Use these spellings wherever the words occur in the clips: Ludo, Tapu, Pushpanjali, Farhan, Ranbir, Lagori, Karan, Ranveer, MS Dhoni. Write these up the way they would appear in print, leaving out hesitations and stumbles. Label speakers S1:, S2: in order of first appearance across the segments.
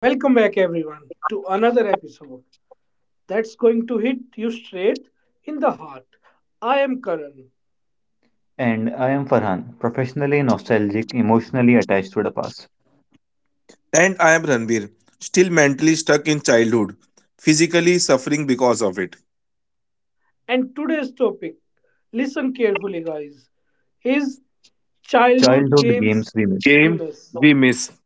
S1: Welcome back, everyone, to another episode that's going to hit you straight in the heart. I am Karan,
S2: And I am Farhan, professionally nostalgic, emotionally attached to the past.
S3: And I am Ranbir, still mentally stuck in childhood, physically suffering because of it.
S1: and today's topic, listen carefully, guys, is childhood
S2: Childhood
S1: games
S2: games we miss.
S1: we
S3: Games
S1: miss.
S3: we miss.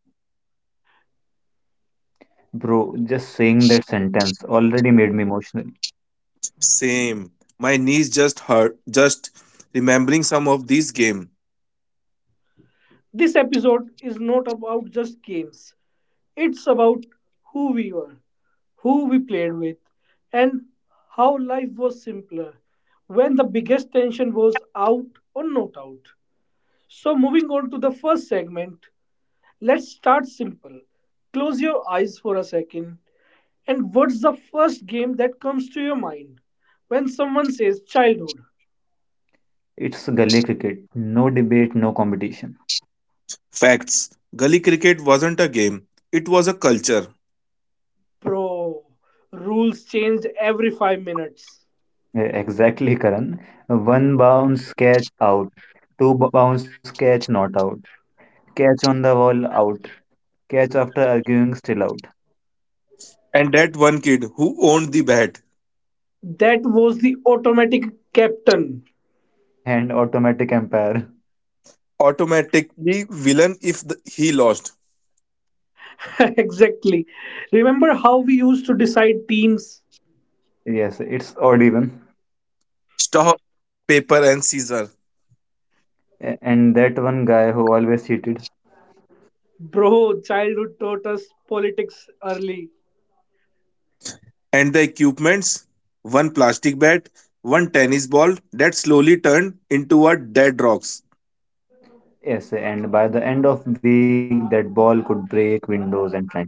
S2: Bro, just saying that sentence already made me emotional.
S3: Same. My knees just hurt just remembering some of these game.
S1: This episode is not about just games, it's about who we were, who we played with, and how life was simpler when the biggest tension was out or not out. So, moving on to the first segment, let's start simple. Close your eyes for a second, and what's the first game that comes to your mind when someone says childhood?
S2: It's gully cricket, no debate, no competition.
S3: Facts. Gully cricket wasn't a game. It was a culture.
S1: Bro, rules changed every 5 minutes.
S2: Exactly, Karan. One bounce catch out, two bounce catch not out, catch on the wall out, catch after arguing still out,
S3: And that one kid who owned the bat,
S1: That was the automatic captain.
S2: and automatic empire.
S3: automatically villain if he lost.
S1: Exactly. Remember how we used to decide teams?
S2: Yes, it's odd even.
S3: Stop, paper and scissor.
S2: And that one guy who always cheated.
S1: Bro, childhood taught us politics early.
S3: And the equipments? One plastic bat, one tennis ball that slowly turned into a dead rocks.
S2: Yes, and by the end of week, that ball could break windows and friendships.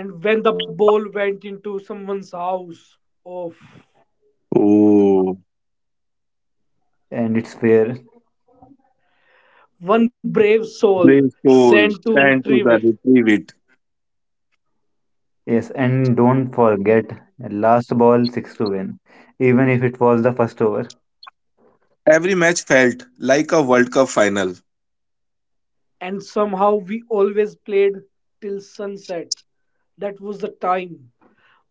S1: And when the ball went into someone's house, off.
S3: Oh,
S2: And it's fair.
S1: One brave soul
S3: brave soul,
S1: sent to
S3: stand to
S1: retrieve
S3: the
S1: it.
S3: retrieve it.
S2: Yes, and don't forget, last ball six to win, even if it was the first over.
S3: Every match felt like a World Cup final.
S1: And somehow we always played till sunset. That was the time.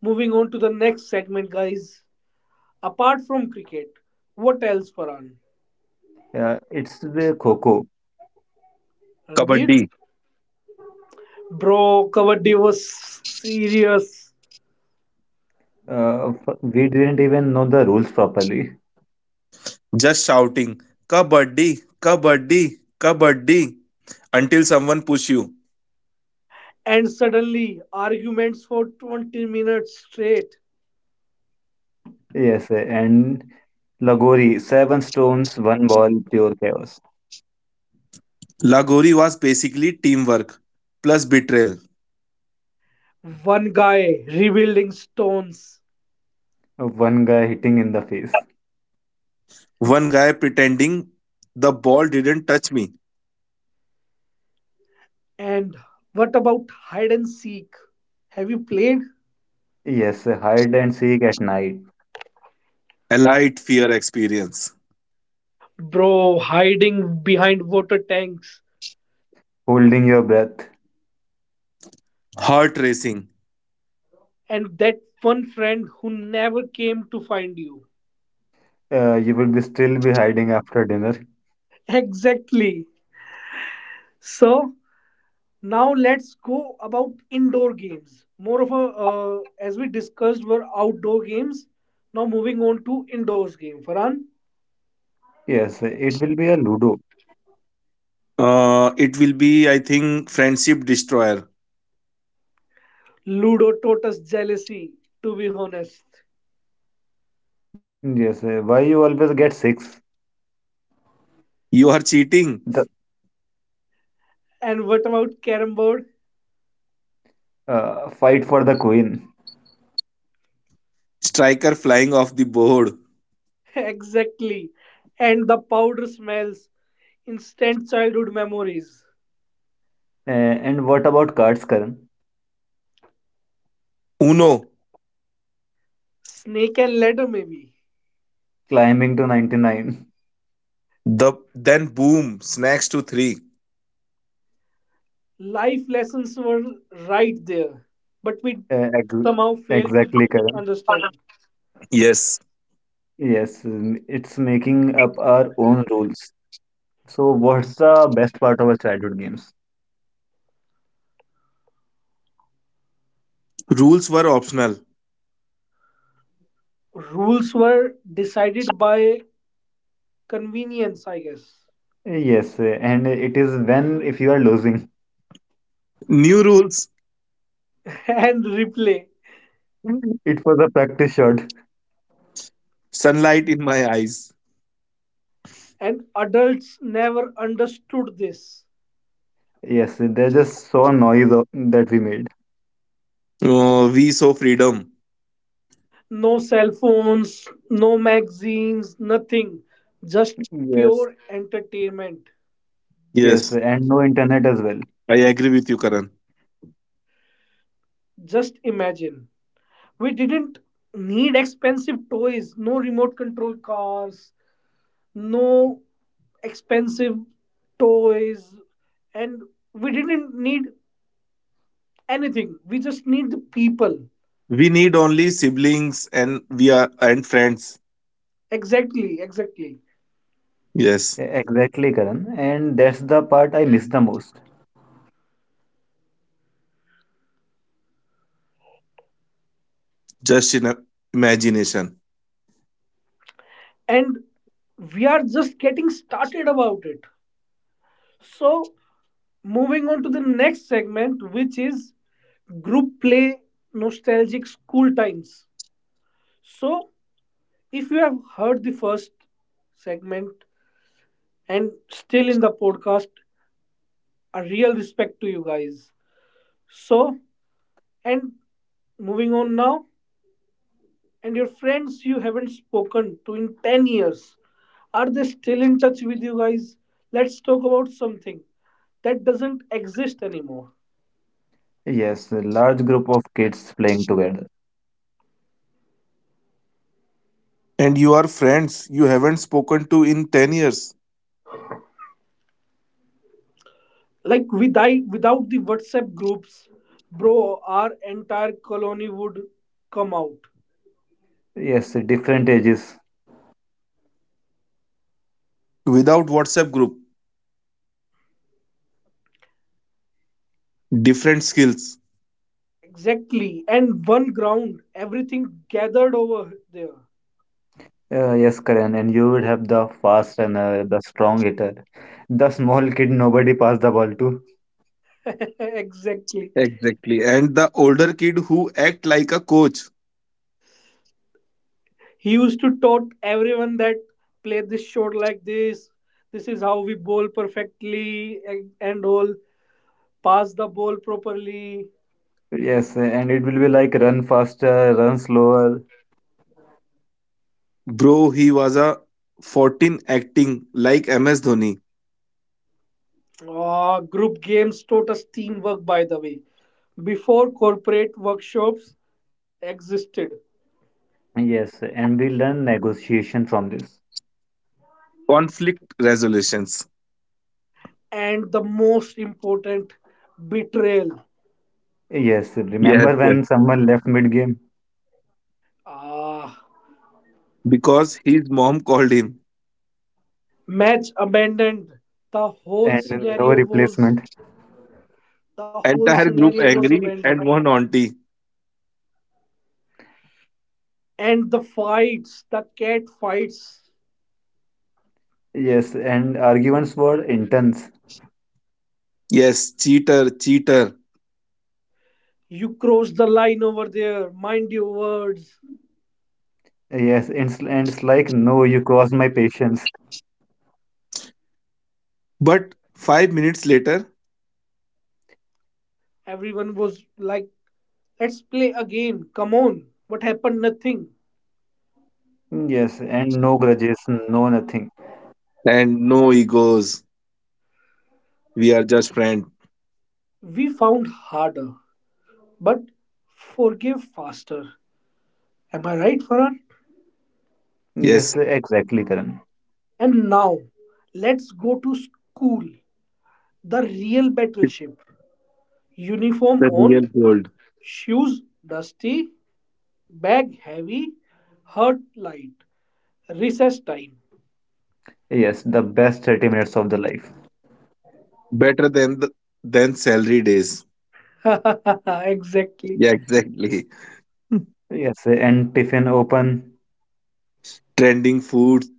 S1: Moving on to the next segment, guys. Apart from cricket, what else, Farhan?
S2: It's the Coco.
S1: Ranbir?
S3: Kabaddi,
S1: Bro, Kabaddi was serious.
S2: We didn't even know the rules properly.
S3: just shouting, Kabaddi, Kabaddi, Kabaddi, until someone push you.
S1: And suddenly, arguments for 20 minutes straight.
S2: Yes, and Lagori, seven stones, one ball, pure chaos.
S3: Lagori was basically teamwork plus betrayal.
S1: One guy rebuilding stones.
S2: One guy hitting in the face.
S3: One guy pretending the ball didn't touch me.
S1: And what about hide and seek? Have you played?
S2: Yes, hide and seek at night,
S3: Allied fear experience.
S1: Bro, hiding behind water tanks,
S2: holding your breath.
S3: Heart racing.
S1: and that one friend who never came to find you.
S2: You will be still be hiding after dinner.
S1: Exactly. So now let's go about indoor games, more of a, as we discussed were outdoor games. Now moving on to indoors game, Farhan.
S2: Yes, it will be a Ludo.
S3: It will be, I think, Friendship Destroyer.
S1: Ludo taught us jealousy, to be honest.
S2: Yes, why you always get six?
S3: You are cheating.
S2: The
S1: And what about carom board?
S2: fight for the queen.
S3: Striker flying off the board.
S1: Exactly. And the powder smells, instant childhood memories.
S2: And what about cards, Karan?
S3: Uno.
S1: Snake and ladder, maybe.
S2: Climbing to 99.
S3: The then boom. Snacks to three.
S1: Life lessons were right there, but we
S2: Ex
S1: somehow failed to
S2: exactly, Karan.
S1: understand.
S3: Yes.
S2: Yes, it's making up our own rules. So, what's the best part of our childhood games?
S3: Rules were optional.
S1: Rules were decided by convenience, I guess.
S2: Yes, and it is when if you are losing.
S3: New rules.
S1: And replay.
S2: It was a practice shot.
S3: Sunlight in my eyes.
S1: And adults never understood this.
S2: Yes, they just saw noise that we made.
S3: We saw freedom.
S1: No cell phones, no magazines, nothing. Just
S2: Yes,
S1: pure entertainment.
S2: yes,
S3: Yes,
S2: and no internet as well.
S3: I agree with you, Karan.
S1: Just imagine. We didn't need expensive toys, no remote control cars, no expensive toys, and we didn't need anything, we just need the people.
S3: We need only siblings and we are and friends.
S1: Exactly, exactly.
S2: E-
S3: Yes,
S2: Exactly, Karan. And that's the part I miss the most.
S3: just in a imagination.
S1: And we are just getting started about it. So moving on to the next segment, which is group play, nostalgic school times. So if you have heard the first segment and still in the podcast, a real respect to you guys. So. And moving on now, and your friends you haven't spoken to in 10 years, are they still in touch with you guys? Let's talk about something that doesn't exist anymore.
S2: Yes, a large group of kids playing together.
S3: And you are friends you haven't spoken to in 10 years
S1: Like with I, without the WhatsApp groups, bro, our entire colony would come out.
S2: Yes, different ages.
S3: without WhatsApp group. Different skills
S1: Exactly. And one ground, everything gathered over there.
S2: Yes, Karan. And you would have the fast runner, the strong hitter, the small kid nobody pass the ball to.
S1: Exactly.
S3: exactly, and the older kid who act like a coach.
S1: He used to taught everyone that play this shot like this. This is how we bowl perfectly and all. Pass the ball properly.
S2: Yes, and it will be like run faster, run slower.
S3: Bro, he was a 14 acting like MS Dhoni.
S1: Ah, group games taught us teamwork, by the way, before corporate workshops existed.
S2: Yes, and we learn negotiation from this.
S3: Conflict resolutions.
S1: And the most important, betrayal.
S2: Yes,
S3: Yes,
S2: remember
S3: yes,
S2: when someone left mid-game
S1: Ah,
S3: because his mom called him.
S1: match abandoned. The whole
S2: and no
S1: scenario was
S2: replacement?
S1: the whole
S3: Entire
S1: scenario
S3: group
S1: was
S3: angry
S1: abandoned.
S3: and one auntie.
S1: And the fights, the cat fights.
S2: Yes, and arguments were intense.
S3: Yes, cheater cheater,
S1: You crossed the line over there. Mind your words.
S2: Yes, and it's like, no, you crossed my patience.
S3: but 5 minutes later.
S1: Everyone was like, "Let's play again. Come on. What happened? Nothing."
S2: Yes, and no grudges, no nothing.
S3: And no egos, we are just friends.
S1: We found harder, but forgive faster. Am I right, Farah?
S3: Yes,
S2: Yes, exactly, Karan.
S1: And now, let's go to school. The real
S3: it's
S1: battleship. Uniform
S3: the
S1: on,
S3: real gold,
S1: shoes dusty, bag heavy, heart light. Recess time.
S2: Yes, the best 30 minutes of the life.
S3: better than the than salary days.
S1: Exactly.
S3: Yeah, exactly.
S2: Yes, and tiffin open.
S3: Trending foods,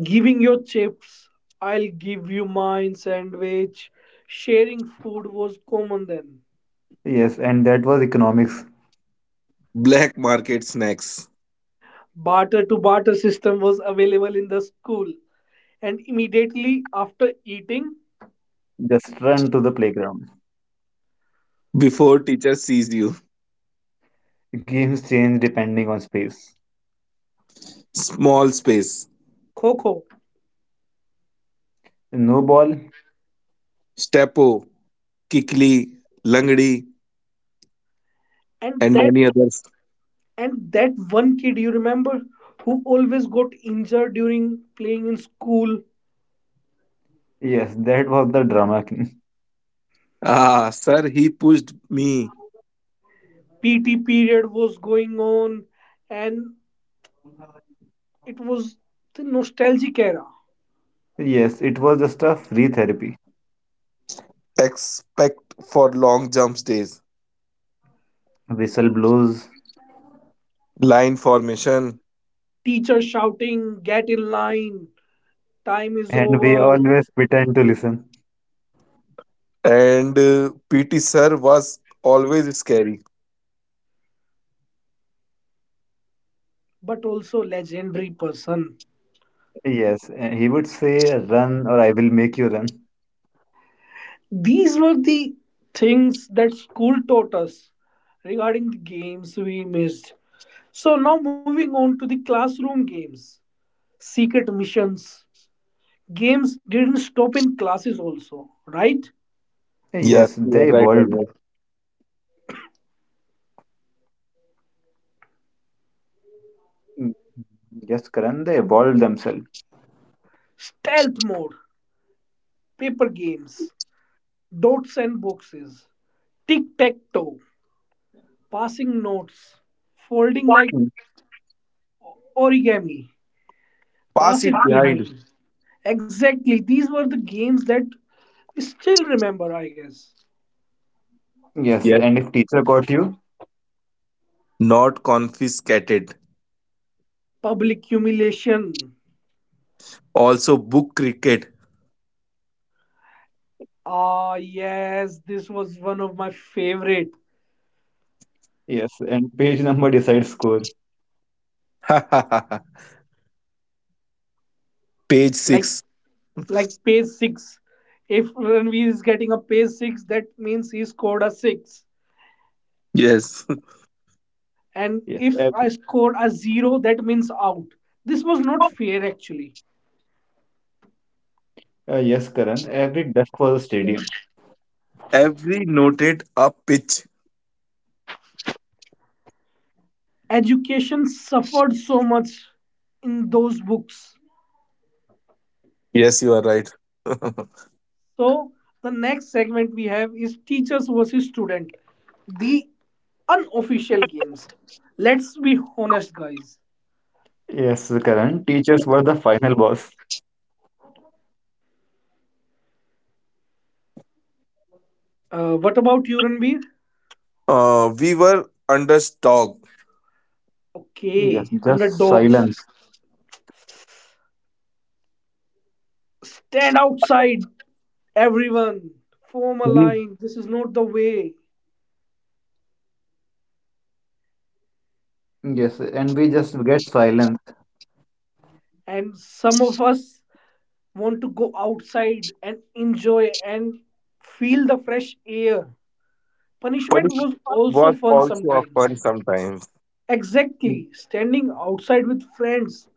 S1: Giving your chips, I'll give you mine sandwich. Sharing food was common then.
S2: Yes, and that was economics.
S3: black market snacks.
S1: Barter to barter system was available in the school. And immediately after eating,
S2: Just run to the playground.
S3: Before teacher sees you,
S2: Games change depending on space.
S3: small space,
S1: Coco.
S2: No ball.
S3: stepo, kikli, langdi,
S1: And
S3: and
S1: that
S3: many others.
S1: and that one kid you remember who always got injured during playing in school.
S2: Yes, that was the drama king.
S3: Ah, sir, he pushed me.
S1: PT period was going on, and it was the nostalgic era.
S2: Yes, it was just a free therapy.
S3: Expect for long jumps days,
S2: Whistle blows,
S3: line formation,
S1: Teacher shouting, "Get in line, time is
S2: and we
S1: over."
S2: always pretend to listen.
S3: and PT sir was always scary.
S1: But also legendary person.
S2: Yes, and he would say, "Run, or I will make you run."
S1: These were the things that school taught us regarding the games we missed. So now moving on to the classroom games, secret missions. Games didn't stop in classes also, right?
S2: Eh,
S3: Yes,
S2: Yes,
S3: you are
S2: they
S3: right.
S2: evolved.
S3: Always.
S2: Mm, yes, Karan, they evolved themselves.
S1: Stealth mode, paper games, dots and boxes, tic tac toe, passing notes, folding like
S2: Mm,
S1: origami,
S3: Pass
S1: pass
S3: it
S1: it
S3: behind.
S1: behind. Exactly. These were the games that we still remember, I guess.
S2: yes,
S3: Yes.
S2: and if teacher caught you,
S3: Not confiscated.
S1: Public humiliation.
S3: Also, book cricket.
S1: Ah, yes, this was one of my favorite.
S2: yes, and page number decides score.
S3: Page
S1: Like,
S3: 6.
S1: like page six. If Ranveer is getting a page six, that means he scored a six.
S3: Yes.
S1: And
S2: Yes,
S1: if
S2: ev
S1: I scored a zero, that means out. This was not fair, actually.
S2: yes, Karan, every desk was a stadium.
S3: Every noted a pitch.
S1: Education suffered so much in those books.
S3: Yes, you are right.
S1: So the next segment we have is teachers versus student, the unofficial games. Let's be honest, guys.
S2: Yes, Karan, teachers were the final boss.
S1: What about you, Ranbir?
S3: We were underdog.
S2: Yes,
S1: Okay,
S2: just
S1: underdogs.
S2: silence.
S1: Stand outside, everyone. Form a
S3: We
S1: line. This is not the way.
S2: Yes, and we just get silence.
S1: And some of us want to go outside and enjoy and feel the fresh air. Punishment
S3: punished
S1: was also
S3: was
S1: fun
S3: also a
S1: sometimes.
S3: fun sometimes.
S2: Mm,
S1: Exactly, standing outside with friends.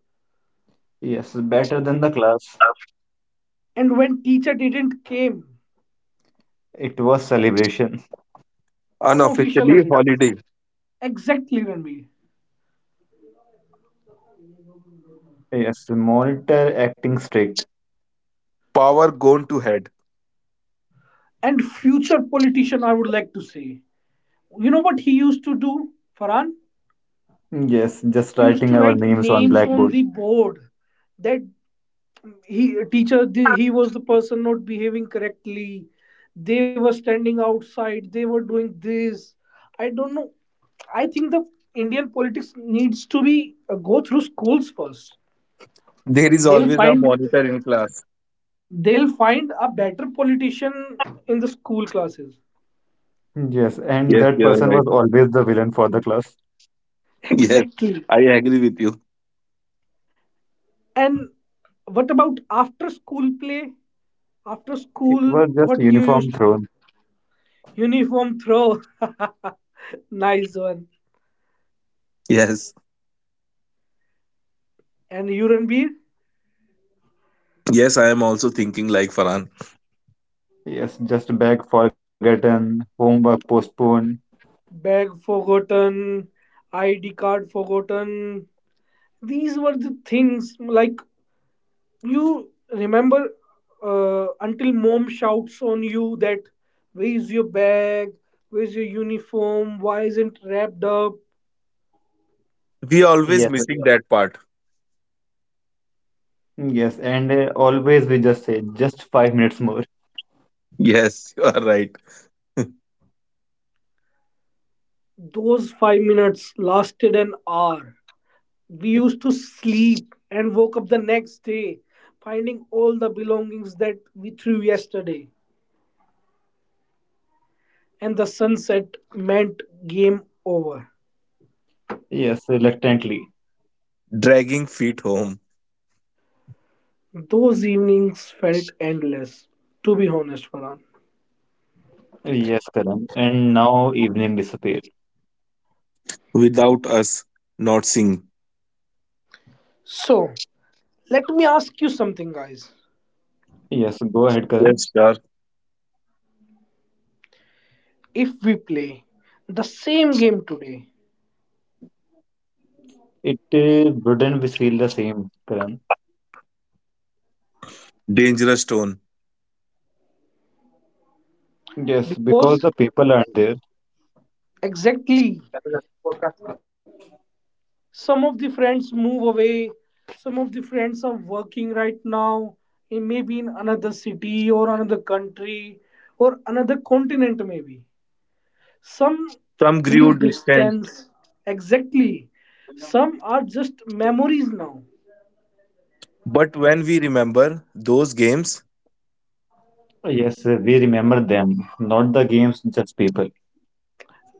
S2: yes, better than the class.
S1: And when teacher didn't came,
S2: It was celebration.
S1: unofficial
S3: Unofficially
S1: holiday.
S3: holiday.
S1: Exactly, Ranveer.
S2: Yes, monitor acting strict.
S3: Power gone to head.
S1: And future politician, I would like to say. You know what he used to do, Farhan?
S2: Yes, just
S1: He used
S2: writing
S1: to
S2: our
S1: write
S2: names on
S1: names on
S2: blackboard.
S1: the board that he he was the person not behaving correctly. They were standing outside. They were doing this. I don't know. I think the Indian politics needs to be, go through schools first.
S3: There is always
S1: They'll
S3: a
S1: find
S3: monitor in class.
S1: they'll find a better politician in the school classes.
S2: Yes, and
S3: Yes,
S2: that
S3: you are
S2: person
S3: right.
S2: was always the villain for the class.
S3: Yes,
S1: Exactly.
S3: I agree with you.
S1: And what about after school play? After
S2: It
S1: school,
S2: was just
S1: what you used
S2: uniform
S1: to do?
S2: thrown.
S1: Uniform throw. Nice one.
S3: Yes,
S1: And urine beer?
S3: yes, I am also thinking like Farhan.
S2: Yes, just bag forgotten, homework postponed.
S1: Bag forgotten, ID card forgotten. These were the things like you remember, until mom shouts on you that where's your bag, where's your uniform, why isn't wrapped up.
S3: We always
S2: Yes, sir.
S3: missing that part.
S2: Yes, and always we just say just 5 minutes more.
S3: Yes, you are right.
S1: Those 5 minutes lasted an hour. We used to sleep and woke up the next day finding all the belongings that we threw yesterday. And the sunset meant game over.
S2: Yes, reluctantly.
S3: Dragging feet home
S1: Those evenings felt endless, to be honest, Farhan.
S2: Yes, Karan. And now evening disappeared.
S3: without us not seeing.
S1: So let me ask you something, guys.
S2: Yes, go ahead, Karan.
S3: Yes, sir.
S1: If we play the same game today,
S2: It Wouldn't we feel the same, Karan?
S3: Dangerous tone.
S2: Yes, because
S1: because
S2: the people aren't there.
S1: exactly some of the friends move away, some of the friends are working right now in maybe in another city or another country or another continent maybe, some
S3: Some
S1: through
S3: grew distant.
S1: distance. Exactly. Some are just memories now.
S3: But when we remember those games,
S2: Yes, we remember them, not the games, just people.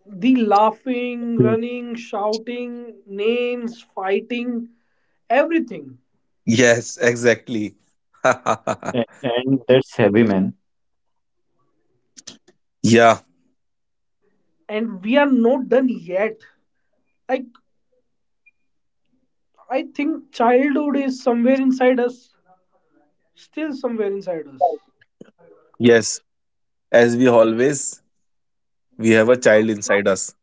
S1: The laughing,
S3: hmm,
S1: running, shouting names, fighting, everything.
S3: yes, exactly.
S2: And that's heavy, man.
S3: Yeah,
S1: And we are not done yet. Like, I think childhood is somewhere inside us, still somewhere inside us.
S3: yes. As we always, we have a child inside us.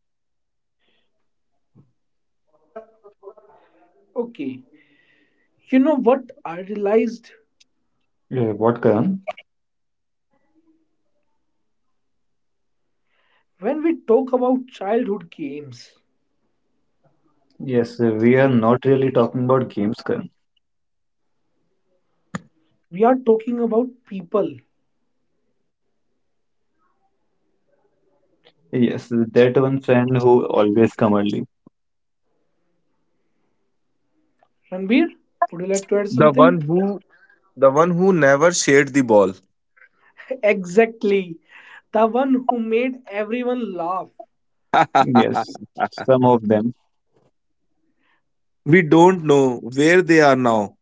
S1: Okay, you know what I realized,
S2: What, Karan?
S1: when we talk about childhood games,
S2: Yes, we are not really talking about games, Karan.
S1: we are talking about people.
S2: Yes, that one friend who always come early.
S1: Ranbir, would you like to add
S3: The
S1: something?
S3: one who, the one who never shared the ball.
S1: Exactly. The one who made everyone laugh.
S2: Yes, some of them.
S3: We don't know where they are now,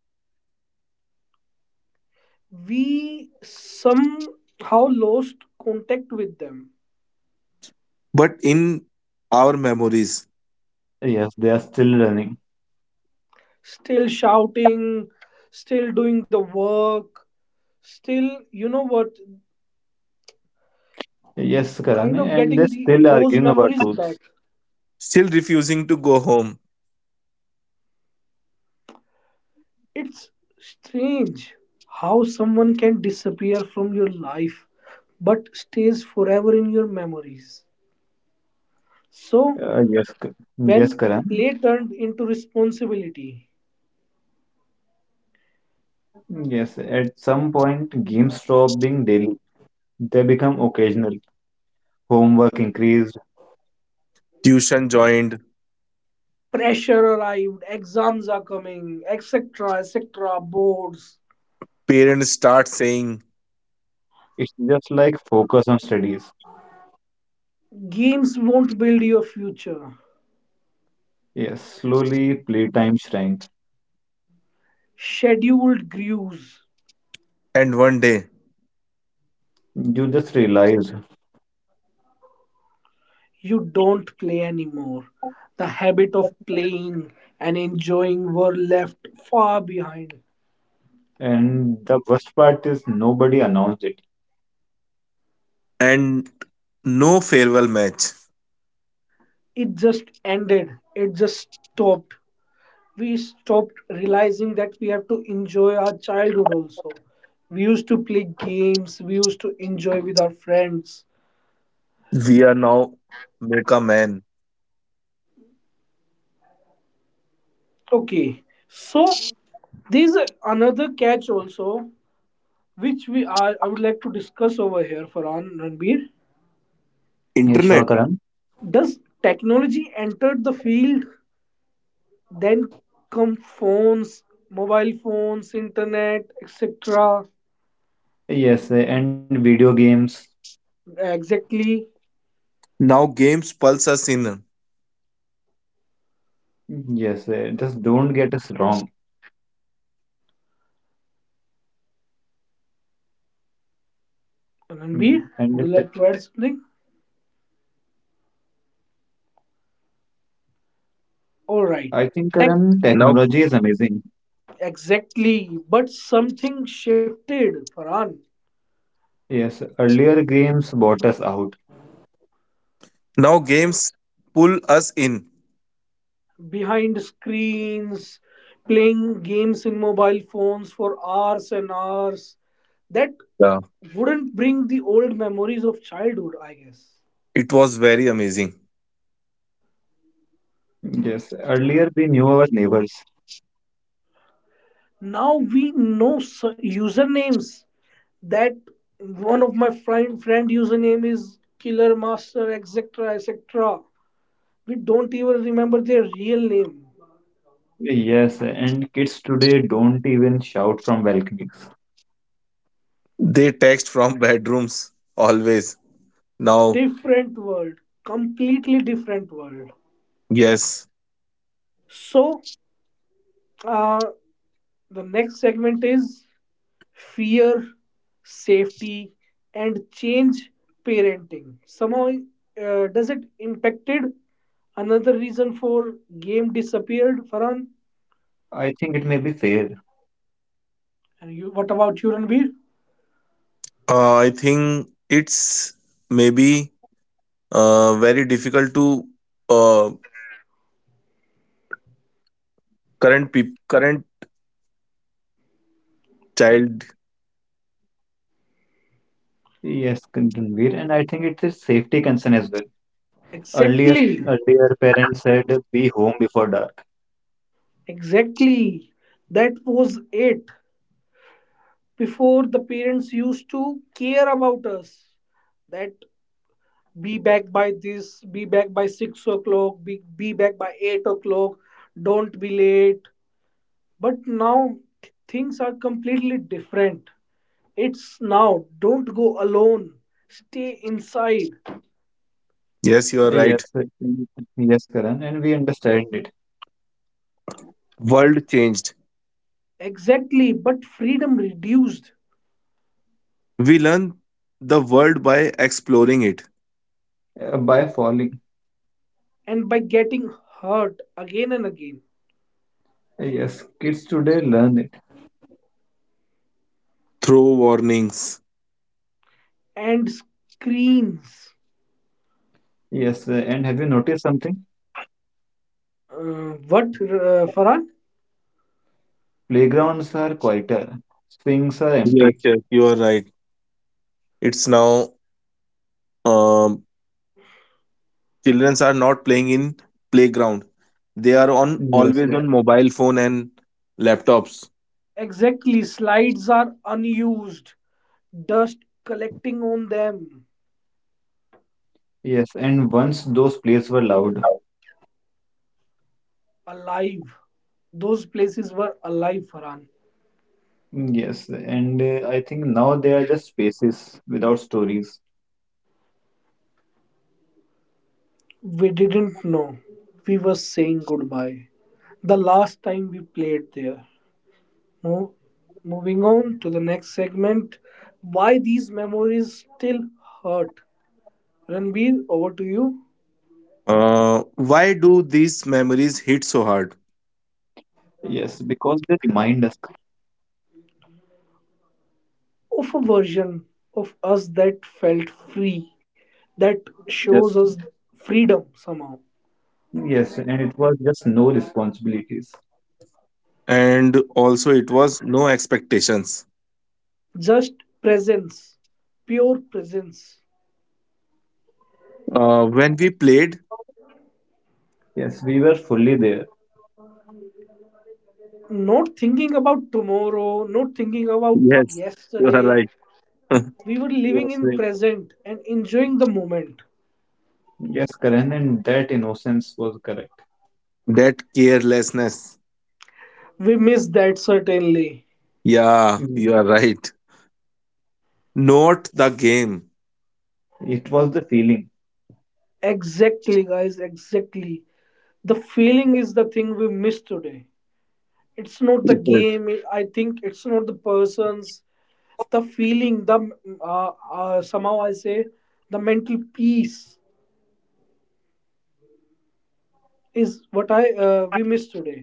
S1: We somehow lost contact with them.
S3: but in our memories,
S2: Yes, they are still running.
S1: Still shouting, still doing the work, still, you know what,
S2: Yes, Karan,
S1: kind of
S2: and they're
S1: getting the
S2: still
S1: those
S2: arguing about
S1: memories back.
S2: truths.
S3: still refusing to go home.
S1: It's strange how someone can disappear from your life but stays forever in your memories. So
S2: Uh, yes, K- yes,
S1: when
S2: Karan.
S1: play turned into responsibility,
S2: Yes, at some point, games stop being daily. They become occasional. Homework increased.
S3: Tuition joined,
S1: pressure arrived, exams are coming, etc. etc. boards.
S3: parents start saying,
S2: It's just like focus on studies.
S1: Games won't build your future.
S2: Yes, slowly playtime shrank.
S1: Scheduled grews.
S3: and one day,
S2: You just realized.
S1: You don't play anymore. The habit of playing and enjoying were left far behind.
S2: And the worst part is nobody announced it.
S3: and no farewell match.
S1: It just ended. It just stopped. We stopped realizing that we have to enjoy our childhood also. We used to play games, we used to enjoy with our friends.
S3: We are now make a man.
S1: Okay, so there's another catch also, which we are, I would like to discuss over here, Farhan, Ranbir.
S2: Yes,
S3: Internet.
S2: sure, Karan.
S1: Does technology enter the field? Then come phones, mobile phones, internet, etc.
S2: Yes, and video games.
S1: Exactly.
S3: Now games pulse us in.
S2: Yes, just don't get us wrong. Mm,
S1: Ananbi,
S2: And
S1: would you
S2: it-
S1: like to add something? All right.
S2: I think,
S1: Tech,
S2: Karan,
S3: Now
S2: technology is amazing.
S1: exactly. But something shifted, Farhan.
S2: Yes, earlier games bought us out.
S3: now games pull us in.
S1: Behind screens, playing games in mobile phones for hours and hours. That
S3: Yeah.
S1: wouldn't bring the old memories of childhood, I guess.
S3: It was very amazing.
S2: Yes, earlier we knew our neighbors.
S1: Now we know usernames, that one of my friend username is killer master, etc. etc., we don't even remember their real name.
S2: Yes, and kids today don't even shout from balconies.
S3: They text from bedrooms always. Now
S1: Different world, completely different world.
S3: yes.
S1: So, uh, the next segment is fear, safety and change. Parenting somehow, does it impacted another reason for game disappeared, Farhan?
S2: I think it may be fair.
S1: And you, what about you, Ranbir?
S3: I think it's maybe very difficult to, uh, current current child.
S2: Yes, Conveer, and I think it's a safety concern as well. Earlier,
S1: Exactly.
S2: earlier parents said be home before dark.
S1: Exactly. That was it. Before the parents used to care about us. That be back by this, be back by 6 o'clock, be back by 8 o'clock, don't be late. But now things are completely different. It's now don't go alone, stay inside.
S3: Yes, you are
S2: Yes,
S3: right.
S2: uh, y- yes, Karan, and we understand it
S3: World changed.
S1: Exactly, but freedom reduced
S3: We learn the world by exploring it
S2: by falling.
S1: and by getting hurt again and again.
S2: Yes, kids today learn it.
S3: through warnings.
S1: And screens.
S2: Yes, and have you noticed something?
S1: What, Farhan?
S2: Playgrounds are quieter, swings are
S3: Yes,
S2: empty.
S3: yes, you are right. It's now um, children are not playing in playground. They are on
S2: Yes,
S3: always
S2: uh,
S3: on mobile phone and laptops.
S1: Exactly. Slides are unused, dust collecting on them.
S2: yes, and once those plays were loud.
S1: Alive. Those places were alive, Farhan.
S2: Yes, and I think now they are just spaces without stories.
S1: We didn't know. We were saying goodbye. The last time we played there. Mo- Moving on to the next segment. Why these memories still hurt? Ranbir, over to you.
S3: Why do these memories hit so hard?
S2: Yes, because they remind us
S1: Of a version of us that felt free, that shows us
S2: just,
S1: freedom somehow.
S2: yes, and it was just no responsibilities.
S3: And also, it was no expectations.
S1: Just presence, pure presence.
S3: When we played,
S2: Yes, we were fully there.
S1: Not thinking about tomorrow, not thinking about
S3: yes, you are
S1: yesterday.
S3: right.
S1: We were living
S2: Yes,
S1: in
S2: right.
S1: present and enjoying the moment.
S2: Yes, Karan, and that innocence was correct.
S3: That carelessness.
S1: We miss that certainly.
S3: Yeah,
S2: Mm,
S3: you are right. Not the game.
S2: It was the feeling.
S1: Exactly, guys, exactly. The feeling is the thing we miss today. It's not the
S3: Yes.
S1: game, I think it's not the persons, the feeling, the, somehow I say the mental peace is what I, we miss today.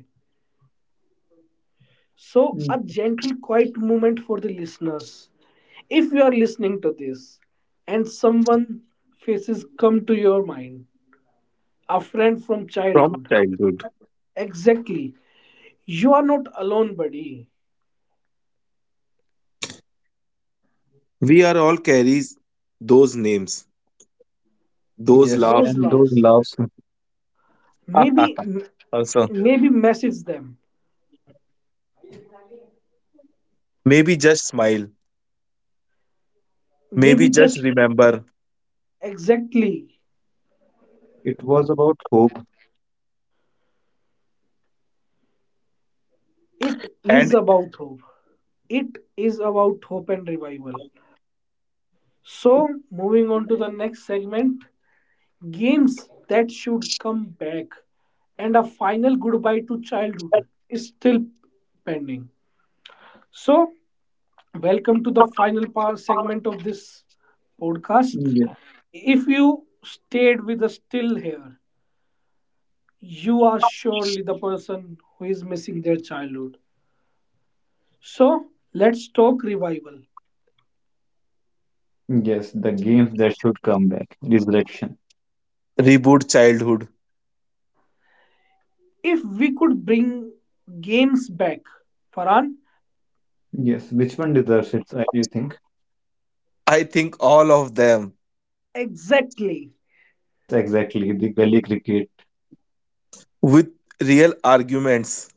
S1: So a
S2: mm,
S1: gentle quiet moment for the listeners. If you are listening to this and someone faces come to your mind, a friend from
S3: From
S1: childhood.
S3: childhood,
S1: Exactly, you are not alone, buddy.
S3: we are all carries those names. Those
S2: Yes,
S3: laugh.
S1: Those
S2: and those
S1: laughs,
S2: laughs.
S1: maybe,
S3: Also.
S1: maybe message them,
S3: Maybe just smile.
S1: maybe
S3: Maybe just
S1: just,
S3: remember
S1: exactly,
S2: It was about hope.
S1: it is
S3: and
S1: about hope. It is about hope and revival. So, moving on to the next segment, games that should come back, and a final goodbye to childhood is still pending. So, welcome to the final part segment of this podcast.
S2: Yeah.
S1: If you stayed with us till here, you are surely the person who is missing their childhood. So, let's talk revival.
S2: Yes, the games that should come back. Resurrection.
S3: reboot childhood.
S1: If we could bring games back, Farhan.
S2: Yes, which one deserves it, you think?
S3: I think all of them
S2: Uh,
S1: Exactly.
S2: yes, exactly. The gully cricket.
S3: with real arguments.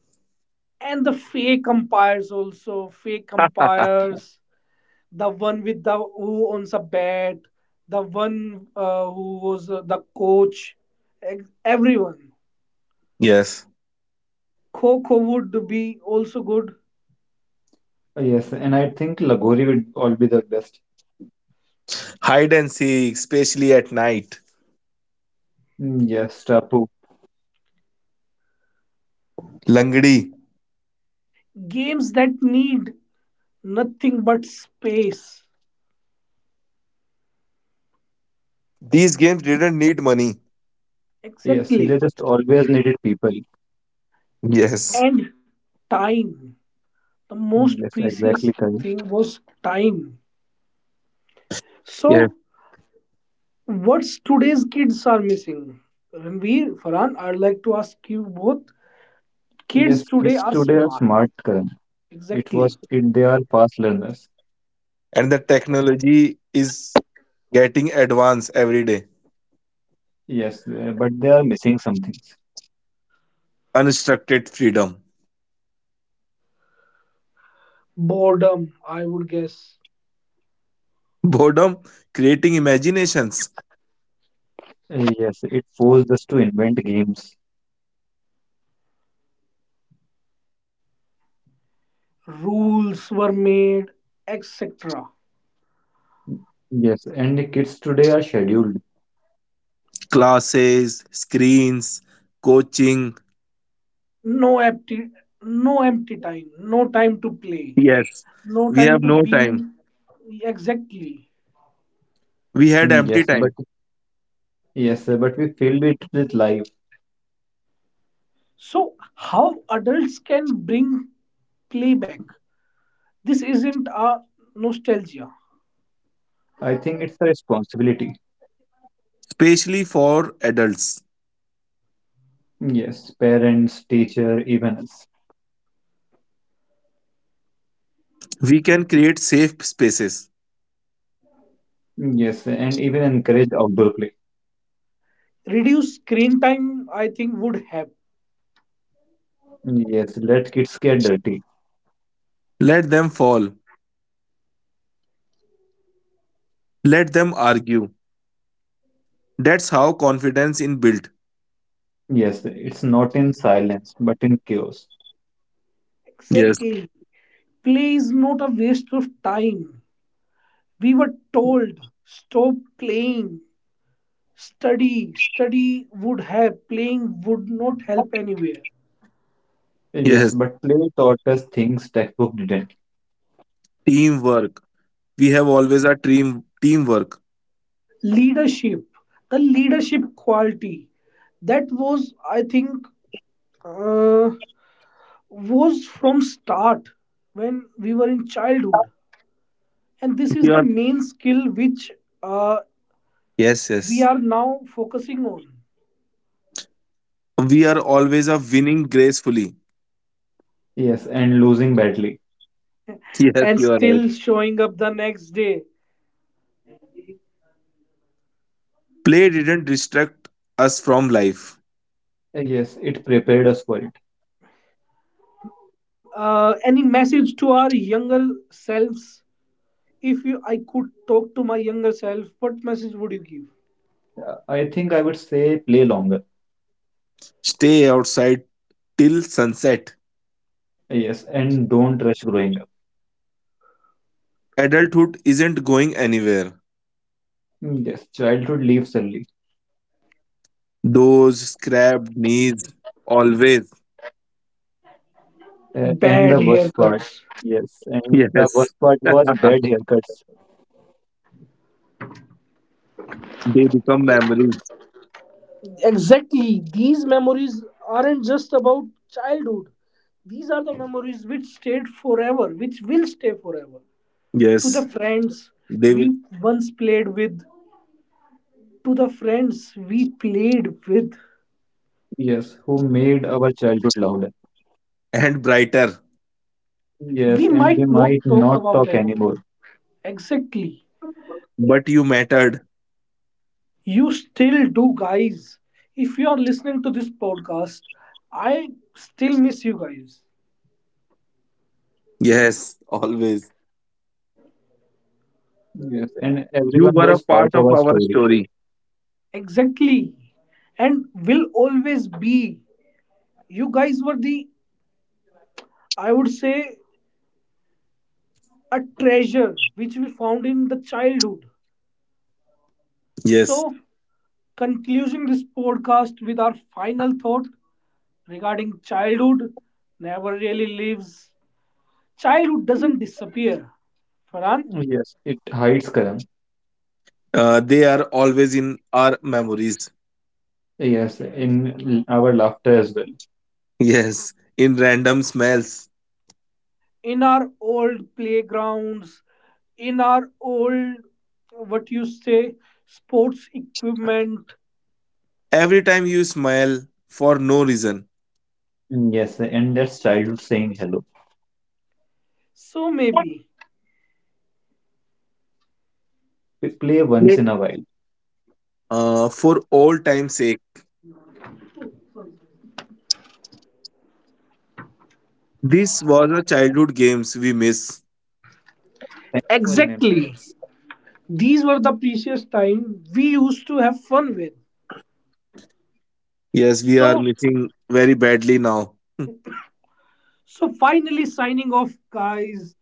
S1: And the fake umpires also, fake umpires, the one with the who owns a bat, the one, who was, the coach, everyone.
S3: Yes.
S1: Coco would be also good.
S2: Yes, and I think Lagori would all be the best.
S3: Hide and seek, especially at night.
S2: Yes, Tapu.
S3: Langdi.
S1: Games that need nothing but space.
S3: These games didn't need money.
S2: Yes,
S1: Exactly.
S2: they just always needed people.
S3: Yes.
S1: And time. The most
S2: Yes,
S1: precious
S2: exactly,
S1: thing
S2: Karan.
S1: was time.
S3: Yes.
S1: So what's today's kids are missing? Ranveer, Farhan, I'd like to ask you both. Kids
S2: Yes,
S1: today
S2: kids
S1: are
S2: today are
S1: smart.
S2: smart, Karan. It was
S1: Exactly.
S2: it they are fast learners.
S3: And the technology is getting advanced every day.
S2: Yes, but they are missing some things.
S3: Unstructured freedom.
S1: Boredom, I would guess.
S3: Boredom, creating imaginations.
S2: Yes, it forced us to invent games.
S1: Rules were made, etc.
S2: Yes, and the kids today are scheduled.
S3: Classes, screens, coaching.
S1: No empty, no empty time. No time to play.
S3: Yes,
S1: No
S3: we
S1: time
S3: have
S1: to
S3: no
S1: be,
S3: time.
S1: exactly.
S3: We had
S2: Mm,
S3: empty
S2: Yes, but
S3: time,
S2: yes, but we filled it with life.
S1: So how adults can bring play back? This isn't a nostalgia.
S2: I think it's a responsibility.
S3: especially for adults.
S2: Yes, parents, teacher, even us.
S3: We can create safe spaces.
S2: Yes, and even encourage outdoor play.
S1: Reduce screen time, I think, would help.
S2: Yes, let kids get dirty.
S3: Let them fall. Let them argue. That's how confidence in built.
S2: Yes, it's not in silence, but in chaos.
S3: Yes,
S1: Exactly. Play is not a waste of time. We were told stop playing, study. Study would help, playing would not help anywhere.
S3: yes.
S2: Yes, but play taught us things textbook didn't.
S3: Teamwork. We have always a team teamwork.
S1: Leadership, the leadership quality that was, I think, uh, was from start when we were in childhood, and this is
S3: We
S1: the
S3: are,
S1: main skill which, uh,
S3: yes,
S1: we
S3: yes.
S1: are now focusing on,
S3: We are always a winning gracefully.
S2: Yes, and losing badly.
S3: Yes,
S1: and
S3: you are right.
S1: still showing up the next day.
S3: Play didn't distract us from life.
S2: Yes, it prepared us for it.
S1: Any message to our younger selves? If you i could talk to my younger self, what message would you give?
S2: I think I would say play longer.
S3: Stay outside till sunset.
S2: Yes, and don't rush growing up.
S3: Adulthood isn't going anywhere.
S2: Yes, childhood leaves early.
S3: Those scrapped knees, always.
S2: A- and
S1: Bad
S2: the worst part,
S1: haircuts.
S2: yes, and the
S3: Yes.
S2: worst part was
S3: They
S2: bad haircuts.
S3: become memories.
S1: Exactly. These memories aren't just about childhood. These are the memories which stayed forever, which will stay forever. To
S3: Yes.
S1: the friends
S3: They will
S1: we once played with, to the friends we played with,
S2: Yes, who made our childhood louder.
S3: end brighter.
S1: we
S2: Yes, and we
S1: might not
S2: might
S1: talk
S2: not
S1: about
S2: talk
S1: anymore.
S2: anymore.
S1: Exactly.
S3: But you mattered.
S1: You still do, guys. If you are listening to this podcast, I still miss you guys.
S3: Yes. Always.
S2: Yes, and
S3: You
S2: everyone
S3: were a
S2: was part
S3: part of
S2: of our
S3: our
S2: story.
S3: story.
S1: Exactly. And will always be. You guys were the, I would say, a treasure which we found in the childhood.
S3: Yes.
S1: So, concluding this podcast with our final thought regarding childhood never really leaves. Childhood doesn't disappear. Farhan,
S2: Yes, it hides, Karan.
S3: They are always in our memories.
S2: Yes, in our laughter as well.
S3: Yes. In random smells.
S1: in our old playgrounds, in our old, what you say, sports equipment,
S3: Every time you smile for no reason.
S2: Yes, and that's childhood saying hello.
S1: so maybe.
S2: We play
S3: Yeah.
S2: once in a while.
S3: For old time's sake. This was a childhood games we miss.
S2: Thank you for remembering
S1: Exactly.
S2: us.
S1: These were the precious time we used to have fun with.
S3: Yes, we are
S1: So,
S3: missing very badly now.
S1: so finally signing off, guys.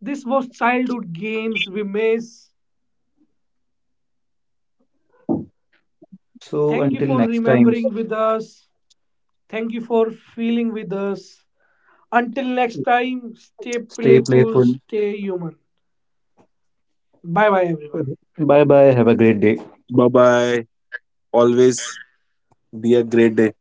S1: This was childhood games we miss.
S2: So
S1: Thank you
S2: until
S1: for
S2: next time,
S1: remembering with us. Thank you for feeling with us. Until next
S2: s-
S1: time, stay
S2: stay
S1: playful,
S2: playful.
S1: stay human. Bye bye, everyone.
S2: Bye bye. Have a great day.
S3: Bye bye. Always be a great day.